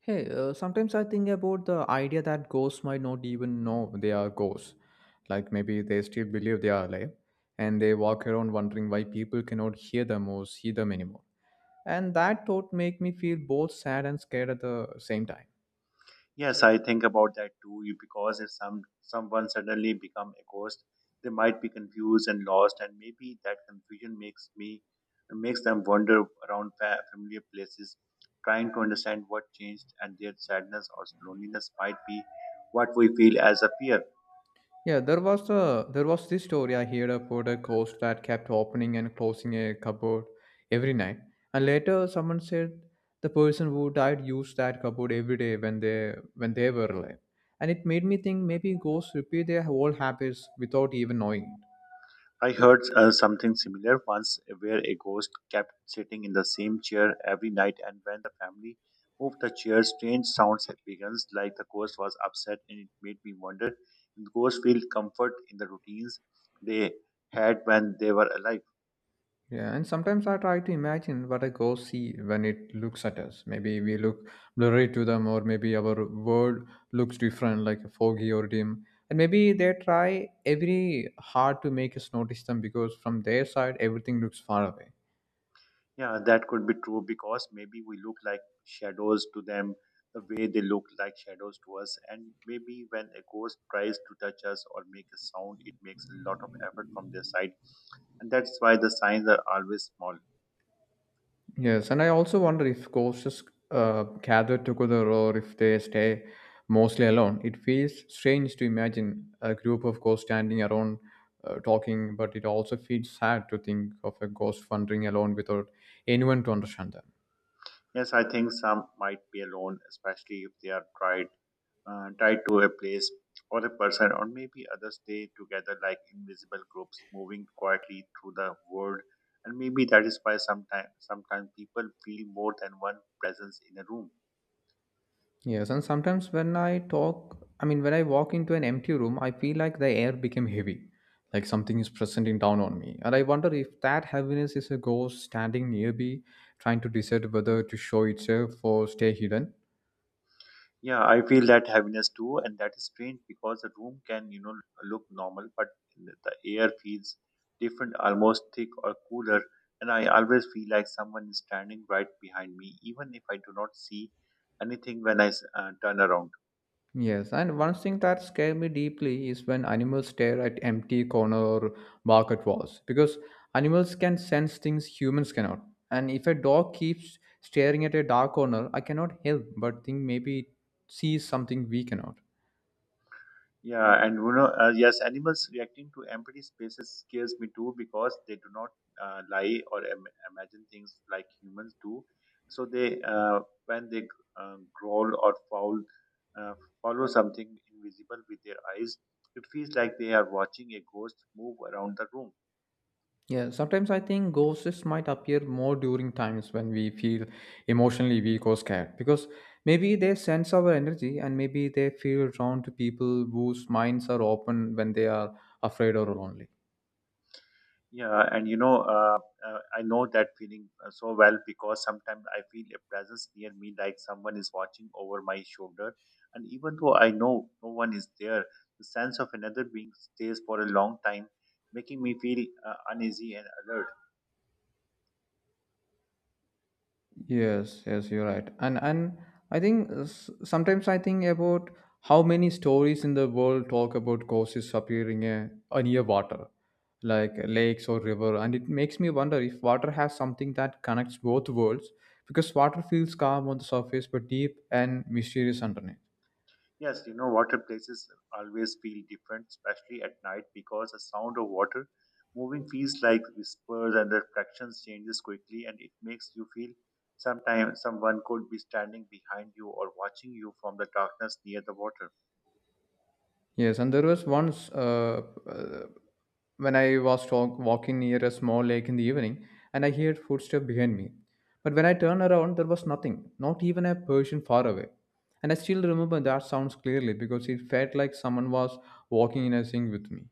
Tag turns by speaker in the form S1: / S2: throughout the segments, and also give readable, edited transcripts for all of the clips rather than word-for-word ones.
S1: Sometimes I think about the idea that ghosts might not even know they are ghosts. Like maybe they still believe they are alive and they walk around wondering why people cannot hear them or see them anymore. And that thought make me feel both sad and scared at the same time.
S2: Yes, I think about that too. Because if someone suddenly become a ghost, they might be confused and lost, and maybe that confusion makes them wander around familiar places, trying to understand what changed, and their sadness or loneliness might be what we feel as a fear.
S1: Yeah, there was this story I heard about a ghost that kept opening and closing a cupboard every night. And later someone said the person who died used that cupboard every day when they were alive. And it made me think maybe ghosts repeat their whole habits without even knowing.
S2: I heard something similar once where a ghost kept sitting in the same chair every night, and when the family moved the chair, strange sounds had begun, like the ghost was upset, and it made me wonder if ghosts feel comfort in the routines they had when they were alive.
S1: Yeah, and sometimes I try to imagine what a ghost see when it looks at us. Maybe we look blurry to them, or maybe our world looks different, like foggy or dim. And maybe they try every hard to make us notice them because from their side everything looks far away.
S2: Yeah, that could be true because maybe we look like shadows to them the way they look like shadows to us, and maybe when a ghost tries to touch us or make a sound, it makes a lot of effort from their side, and that's why the signs are always small.
S1: Yes, and I also wonder if ghosts gather together or if they stay mostly alone. It feels strange to imagine a group of ghosts standing around talking, but it also feels sad to think of a ghost wandering alone without anyone to understand them.
S2: Yes, I think some might be alone, especially if they are tied to a place or a person, or maybe others stay together like invisible groups moving quietly through the world. And maybe that is why sometimes people feel more than one presence in a room.
S1: Yes, and sometimes when I talk, I mean, when I walk into an empty room, I feel like the air became heavy, like something is pressing down on me. And I wonder if that heaviness is a ghost standing near me, trying to decide whether to show itself or stay hidden.
S2: Yeah, I feel that heaviness too, and that is strange because the room can, you know, look normal, but the air feels different, almost thick or cooler. And I always feel like someone is standing right behind me, even if I do not see anything when I turn around.
S1: Yes, and one thing that scared me deeply is when animals stare at empty corner or bark at walls, because animals can sense things humans cannot. And if a dog keeps staring at a dark corner, I cannot help but think maybe it sees something we cannot.
S2: Yeah, and you know, yes, animals reacting to empty spaces scares me too because they do not lie or imagine things like humans do. So they growl or foul, uh, follow something invisible with their eyes, it feels like they are watching a ghost move around the room.
S1: Yeah, sometimes I think ghosts might appear more during times when we feel emotionally weak or scared because maybe they sense our energy and maybe they feel drawn to people whose minds are open when they are afraid or lonely.
S2: Yeah, and I know that feeling so well because sometimes I feel a presence near me, like someone is watching over my shoulder. And even though I know no one is there, the sense of another being stays for a long time, making me feel uneasy and alert.
S1: Yes, yes, you're right. And I think sometimes I think about how many stories in the world talk about causes appearing near water, like lakes or river, and it makes me wonder if water has something that connects both worlds, because water feels calm on the surface but deep and mysterious underneath.
S2: Yes, you know, water places always feel different, especially at night, because the sound of water moving feels like whispers and the reflections changes quickly, and it makes you feel sometimes someone could be standing behind you or watching you from the darkness near the water.
S1: Yes, and there was once uh, when I was walking near a small lake in the evening and I heard footsteps behind me. But when I turned around, there was nothing, not even a person far away. And I still remember that sounds clearly because it felt like someone was walking in a sync with me.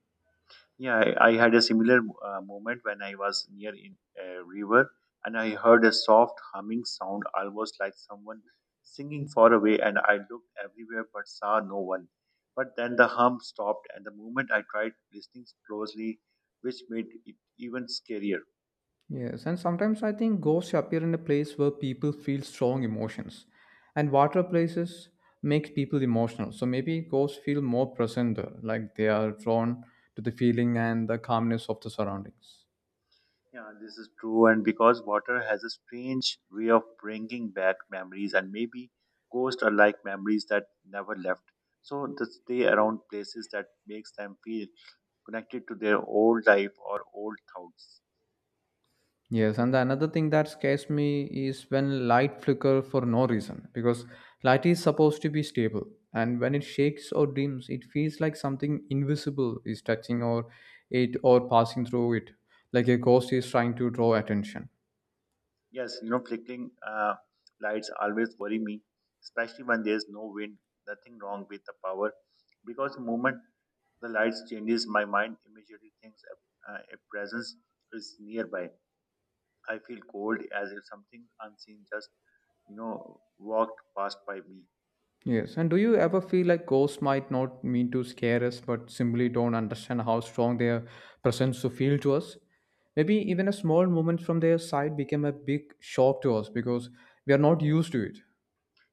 S2: Yeah, I had a similar moment when I was near in a river and I heard a soft humming sound, almost like someone singing far away. And I looked everywhere but saw no one. But then the hum stopped, and the moment I tried listening closely, which made it even scarier.
S1: Yes, and sometimes I think ghosts appear in a place where people feel strong emotions, and water places make people emotional. So maybe ghosts feel more present there, like they are drawn to the feeling and the calmness of the surroundings.
S2: Yeah, this is true. And because water has a strange way of bringing back memories, and maybe ghosts are like memories that never left. So they stay around places that makes them feel connected to their old life or old thoughts.
S1: Yes, and the another thing that scares me is when light flicker for no reason because light is supposed to be stable, and when it shakes or dims, it feels like something invisible is touching or it or passing through it, like a ghost is trying to draw attention.
S2: Yes, you know, flickering lights always worry me, especially when there's no wind, nothing wrong with the power, because the moment the lights changes, my mind immediately thinks a presence is nearby. I feel cold as if something unseen just, you know, walked past by me.
S1: Yes. And do you ever feel like ghosts might not mean to scare us, but simply don't understand how strong their presence to feel to us? Maybe even a small moment from their side became a big shock to us because we are not used to it.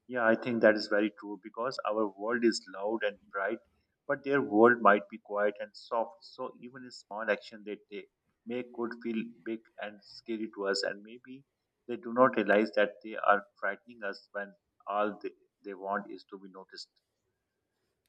S2: Yeah, I think that is very true because our world is loud and bright, but their world might be quiet and soft. So even a small action they take make could feel big and scary to us, and maybe they do not realize that they are frightening us when all they, they want is to be noticed.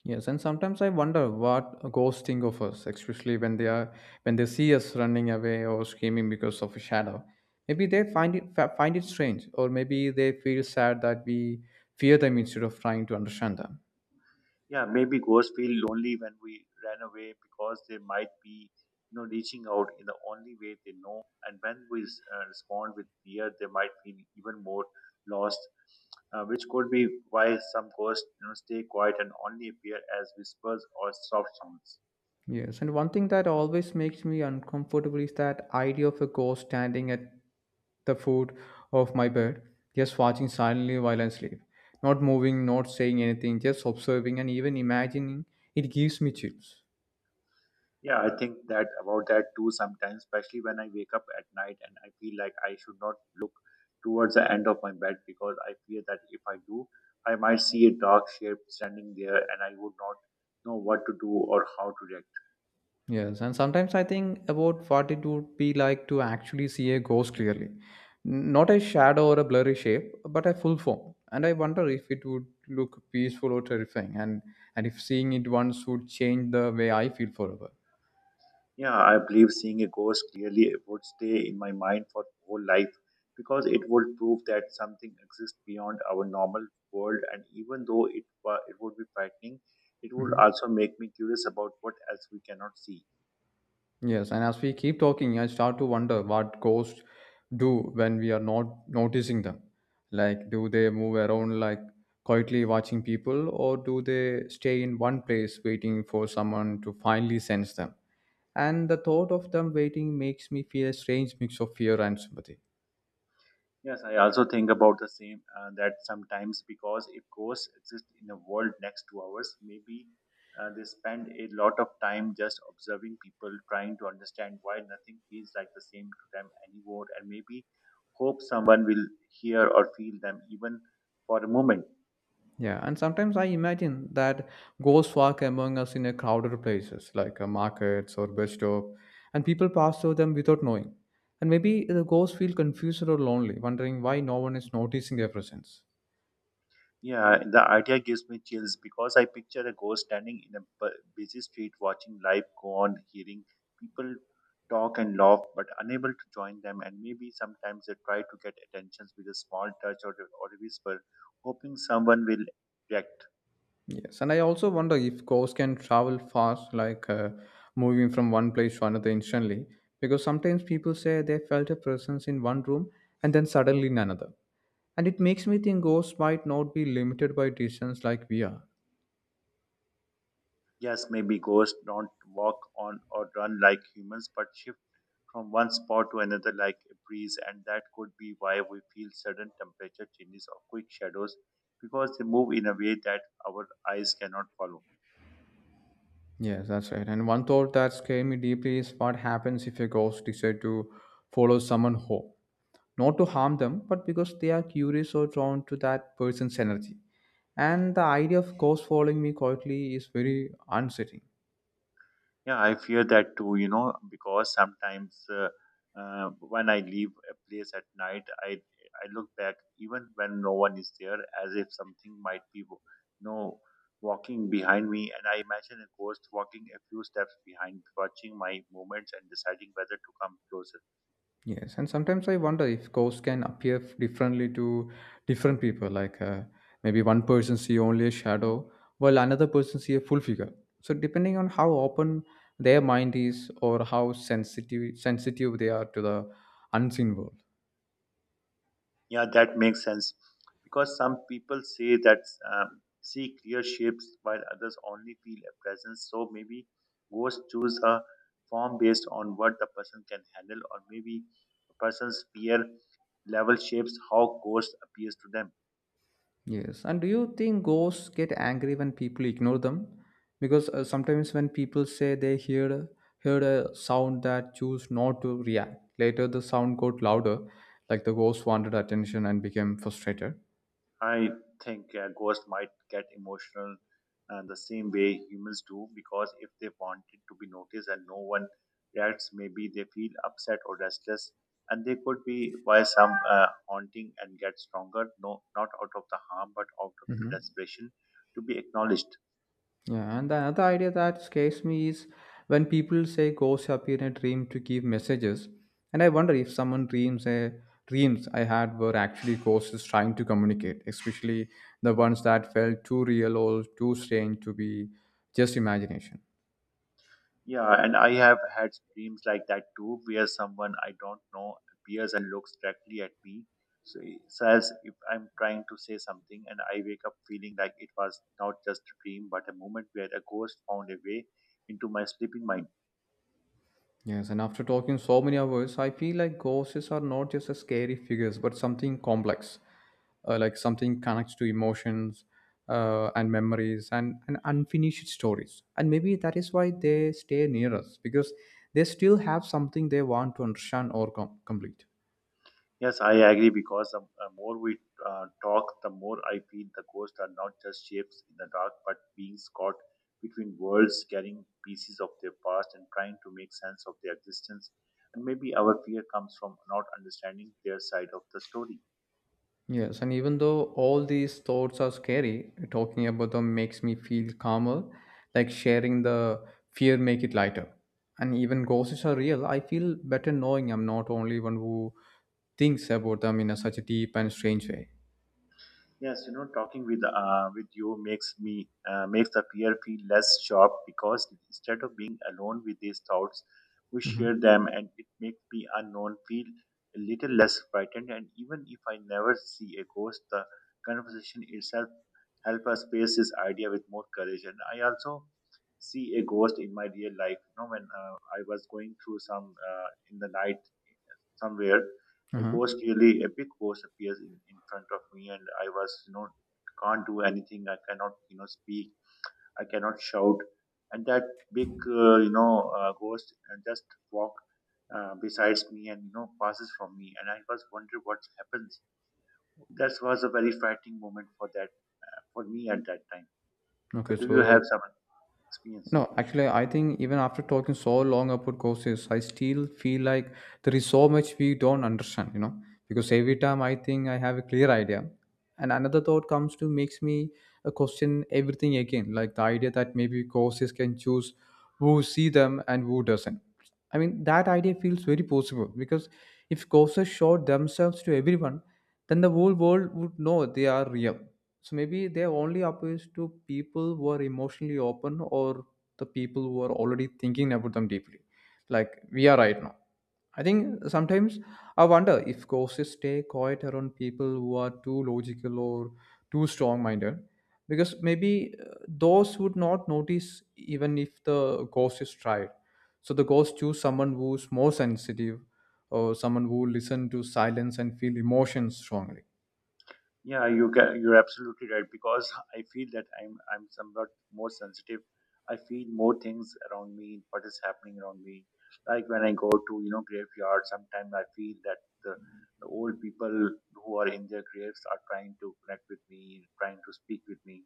S1: Yes, and sometimes I wonder what ghosts think of us, especially when they see us running away or screaming because of a shadow. Maybe they find it strange, or maybe they feel sad that we fear them instead of trying to understand them.
S2: Yeah, maybe ghosts feel lonely when we ran away because they might be, you know, reaching out in the only way they know. And when we respond with fear, they might feel even more lost, which could be why some ghosts, you know, stay quiet and only appear as whispers or soft sounds.
S1: Yes, and one thing that always makes me uncomfortable is that idea of a ghost standing at the foot of my bed, just watching silently while I sleep, not moving, not saying anything, just observing and even imagining. It gives me chills.
S2: Yeah, I think that about that too sometimes, especially when I wake up at night and I feel like I should not look towards the end of my bed because I fear that if I do, I might see a dark shape standing there and I would not know what to do or how to react.
S1: Yes, and sometimes I think about what it would be like to actually see a ghost clearly, not a shadow or a blurry shape, but a full form. And I wonder if it would look peaceful or terrifying, and if seeing it once would change the way I feel forever.
S2: Yeah, I believe seeing a ghost clearly would stay in my mind for whole life because it would prove that something exists beyond our normal world, and even though it would be frightening, it would
S1: Mhm.
S2: also make me curious about what else we cannot see.
S1: Yes, and as we keep talking, I start to wonder what ghosts do when we are not noticing them. Like, do they move around, like quietly watching people, or do they stay in one place waiting for someone to finally sense them? And the thought of them waiting makes me feel a strange mix of fear and sympathy.
S2: Yes, I also think about the same that sometimes because if ghosts exist in a world next to ours, maybe they spend a lot of time just observing people, trying to understand why nothing feels like the same to them anymore, and maybe hope someone will hear or feel them even for a moment.
S1: Yeah, and sometimes I imagine that ghosts walk among us in a crowded places like markets or bus stop, and people pass through them without knowing. And maybe the ghosts feel confused or lonely, wondering why no one is noticing their presence.
S2: Yeah, the idea gives me chills because I picture a ghost standing in a busy street watching life go on, hearing people talk and laugh, but unable to join them. And maybe sometimes they try to get attentions with a small touch or a whisper, hoping someone will react.
S1: Yes, and I also wonder if ghosts can travel fast, like moving from one place to another instantly, because sometimes people say they felt a presence in one room and then suddenly in another. And it makes me think ghosts might not be limited by distance like we are.
S2: Yes, maybe ghosts don't walk on or run like humans, but shift from one spot to another like a breeze, and that could be why we feel sudden temperature changes or quick shadows because they move in a way that our eyes cannot follow.
S1: Yes, that's right. And one thought that scared me deeply is what happens if a ghost decides to follow someone home. Not to harm them, but because they are curious or drawn to that person's energy. And the idea of ghosts following me quietly is very unsettling.
S2: Yeah, I fear that too, you know, because sometimes when I leave a place at night, I look back even when no one is there, as if something might be, you know, walking behind me, and I imagine a ghost walking a few steps behind, watching my movements and deciding whether to come closer.
S1: Yes, and sometimes I wonder if ghosts can appear differently to different people. Like maybe one person see only a shadow, while another person see a full figure. So depending on how open their mind is or how sensitive they are to the unseen world.
S2: Yeah, that makes sense. Because some people say that uh, see clear shapes while others only feel a presence. So maybe ghosts choose a form based on what the person can handle, or maybe a person's fear level shapes how ghosts appears to them.
S1: Yes. And do you think ghosts get angry when people ignore them? Because sometimes when people say they heard a sound that choose not to react, later the sound got louder, like the ghost wanted attention and became frustrated.
S2: I think ghosts might get emotional the same way humans do because if they wanted to be noticed and no one reacts, maybe they feel upset or restless, and they could be why some haunting and get stronger, no, not out of the harm but out of the
S1: Mhm.
S2: desperation to be acknowledged.
S1: Yeah, and the another idea that scares me is when people say ghosts appear in a dream to give messages, and I wonder if someone dreams a dreams I had were actually ghosts trying to communicate, especially the ones that felt too real or too strange to be just imagination.
S2: Yeah, and I have had dreams like that too, where someone I don't know appears and looks directly at me. So it says if I'm trying to say something and I wake up feeling like it was not just a dream, but a moment where a ghost found a way into my sleeping mind.
S1: Yes, and after talking so many hours, I feel like ghosts are not just a scary figures, but something complex, like something connects to emotions and memories and unfinished stories. And maybe that is why they stay near us because they still have something they want to understand or complete.
S2: Yes, I agree because the more we talk, the more I feel the ghosts are not just shapes in the dark, but beings caught between worlds, carrying pieces of their past and trying to make sense of their existence. And maybe our fear comes from not understanding their side of the story.
S1: Yes, and even though all these thoughts are scary, talking about them makes me feel calmer, like sharing the fear make it lighter. And even ghosts are real, I feel better knowing I'm not only one who thinks about them in a, such a deep and strange way.
S2: Yes, you know, talking with you makes me makes the peer feel less sharp because instead of being alone with these thoughts, we
S1: Mm-hmm.
S2: share them, and it makes me unknown feel a little less frightened. And even if I never see a ghost, the conversation itself help us face this idea with more courage. And I also see a ghost in my real life. You know, when I was going through some in the night somewhere a
S1: Uh-huh.
S2: ghost really a big ghost appears in front of me, and I was, you know, can't do anything. I cannot, you know, speak. I cannot shout. And that big, ghost, just walk besides me, and you know, passes from me, and I was wondering what happens. That was a very frightening moment for that, for me at that time. So
S1: Okay,
S2: do you
S1: so
S2: have some experience?
S1: no, actually, I think even after talking so long about courses, I still feel like there is so much we don't understand, because every time I think I have a clear idea, and another thought comes to makes me question everything again, like the idea that maybe courses can choose who see them and who doesn't. I mean, that idea feels very possible because if courses showed themselves to everyone, then the whole world would know they are real. So maybe they only appeals to people who are emotionally open or the people who are already thinking about them deeply, like we are right now. I think sometimes I wonder if courses stay quiet around people who are too logical or too strong minded, because maybe those would not notice even if the course is tried. So the course choose someone who's more sensitive or someone who listen to silence and feel emotions strongly.
S2: Yeah, you can, you're absolutely right because I feel that I'm somewhat more sensitive. I feel more things around me, what is happening around me. Like when I go to, you know, graveyard, sometimes I feel that the old people who are in their graves are trying to connect with me, trying to speak with me.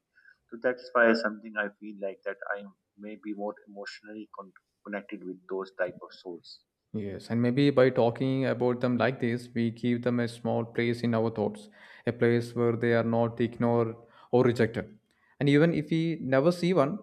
S2: So that's why something I feel like that I may be more emotionally connected with those type of souls.
S1: Yes, and maybe by talking about them like this, we give them a small place in our thoughts, a place where they are not ignored or rejected. And even if we never see one,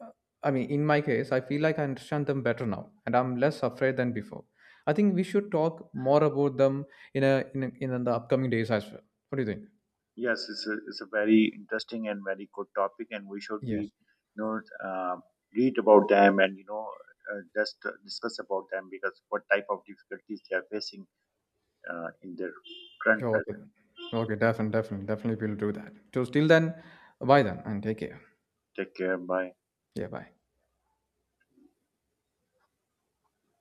S1: uh, I mean, in my case, I feel like I understand them better now, and I'm less afraid than before. I think we should talk more about them in the upcoming days as well. What do you think?
S2: Yes, it's a very interesting and very good topic, and we should
S1: Yes.
S2: be, you know, read about them, and you know, just discuss about them because what type of difficulties they are facing in their current
S1: Sure, okay.
S2: present.
S1: Okay. Definitely. Definitely. Definitely. We'll do that. So, till then, bye then, and take care.
S2: Take care. Bye.
S1: Yeah. Bye.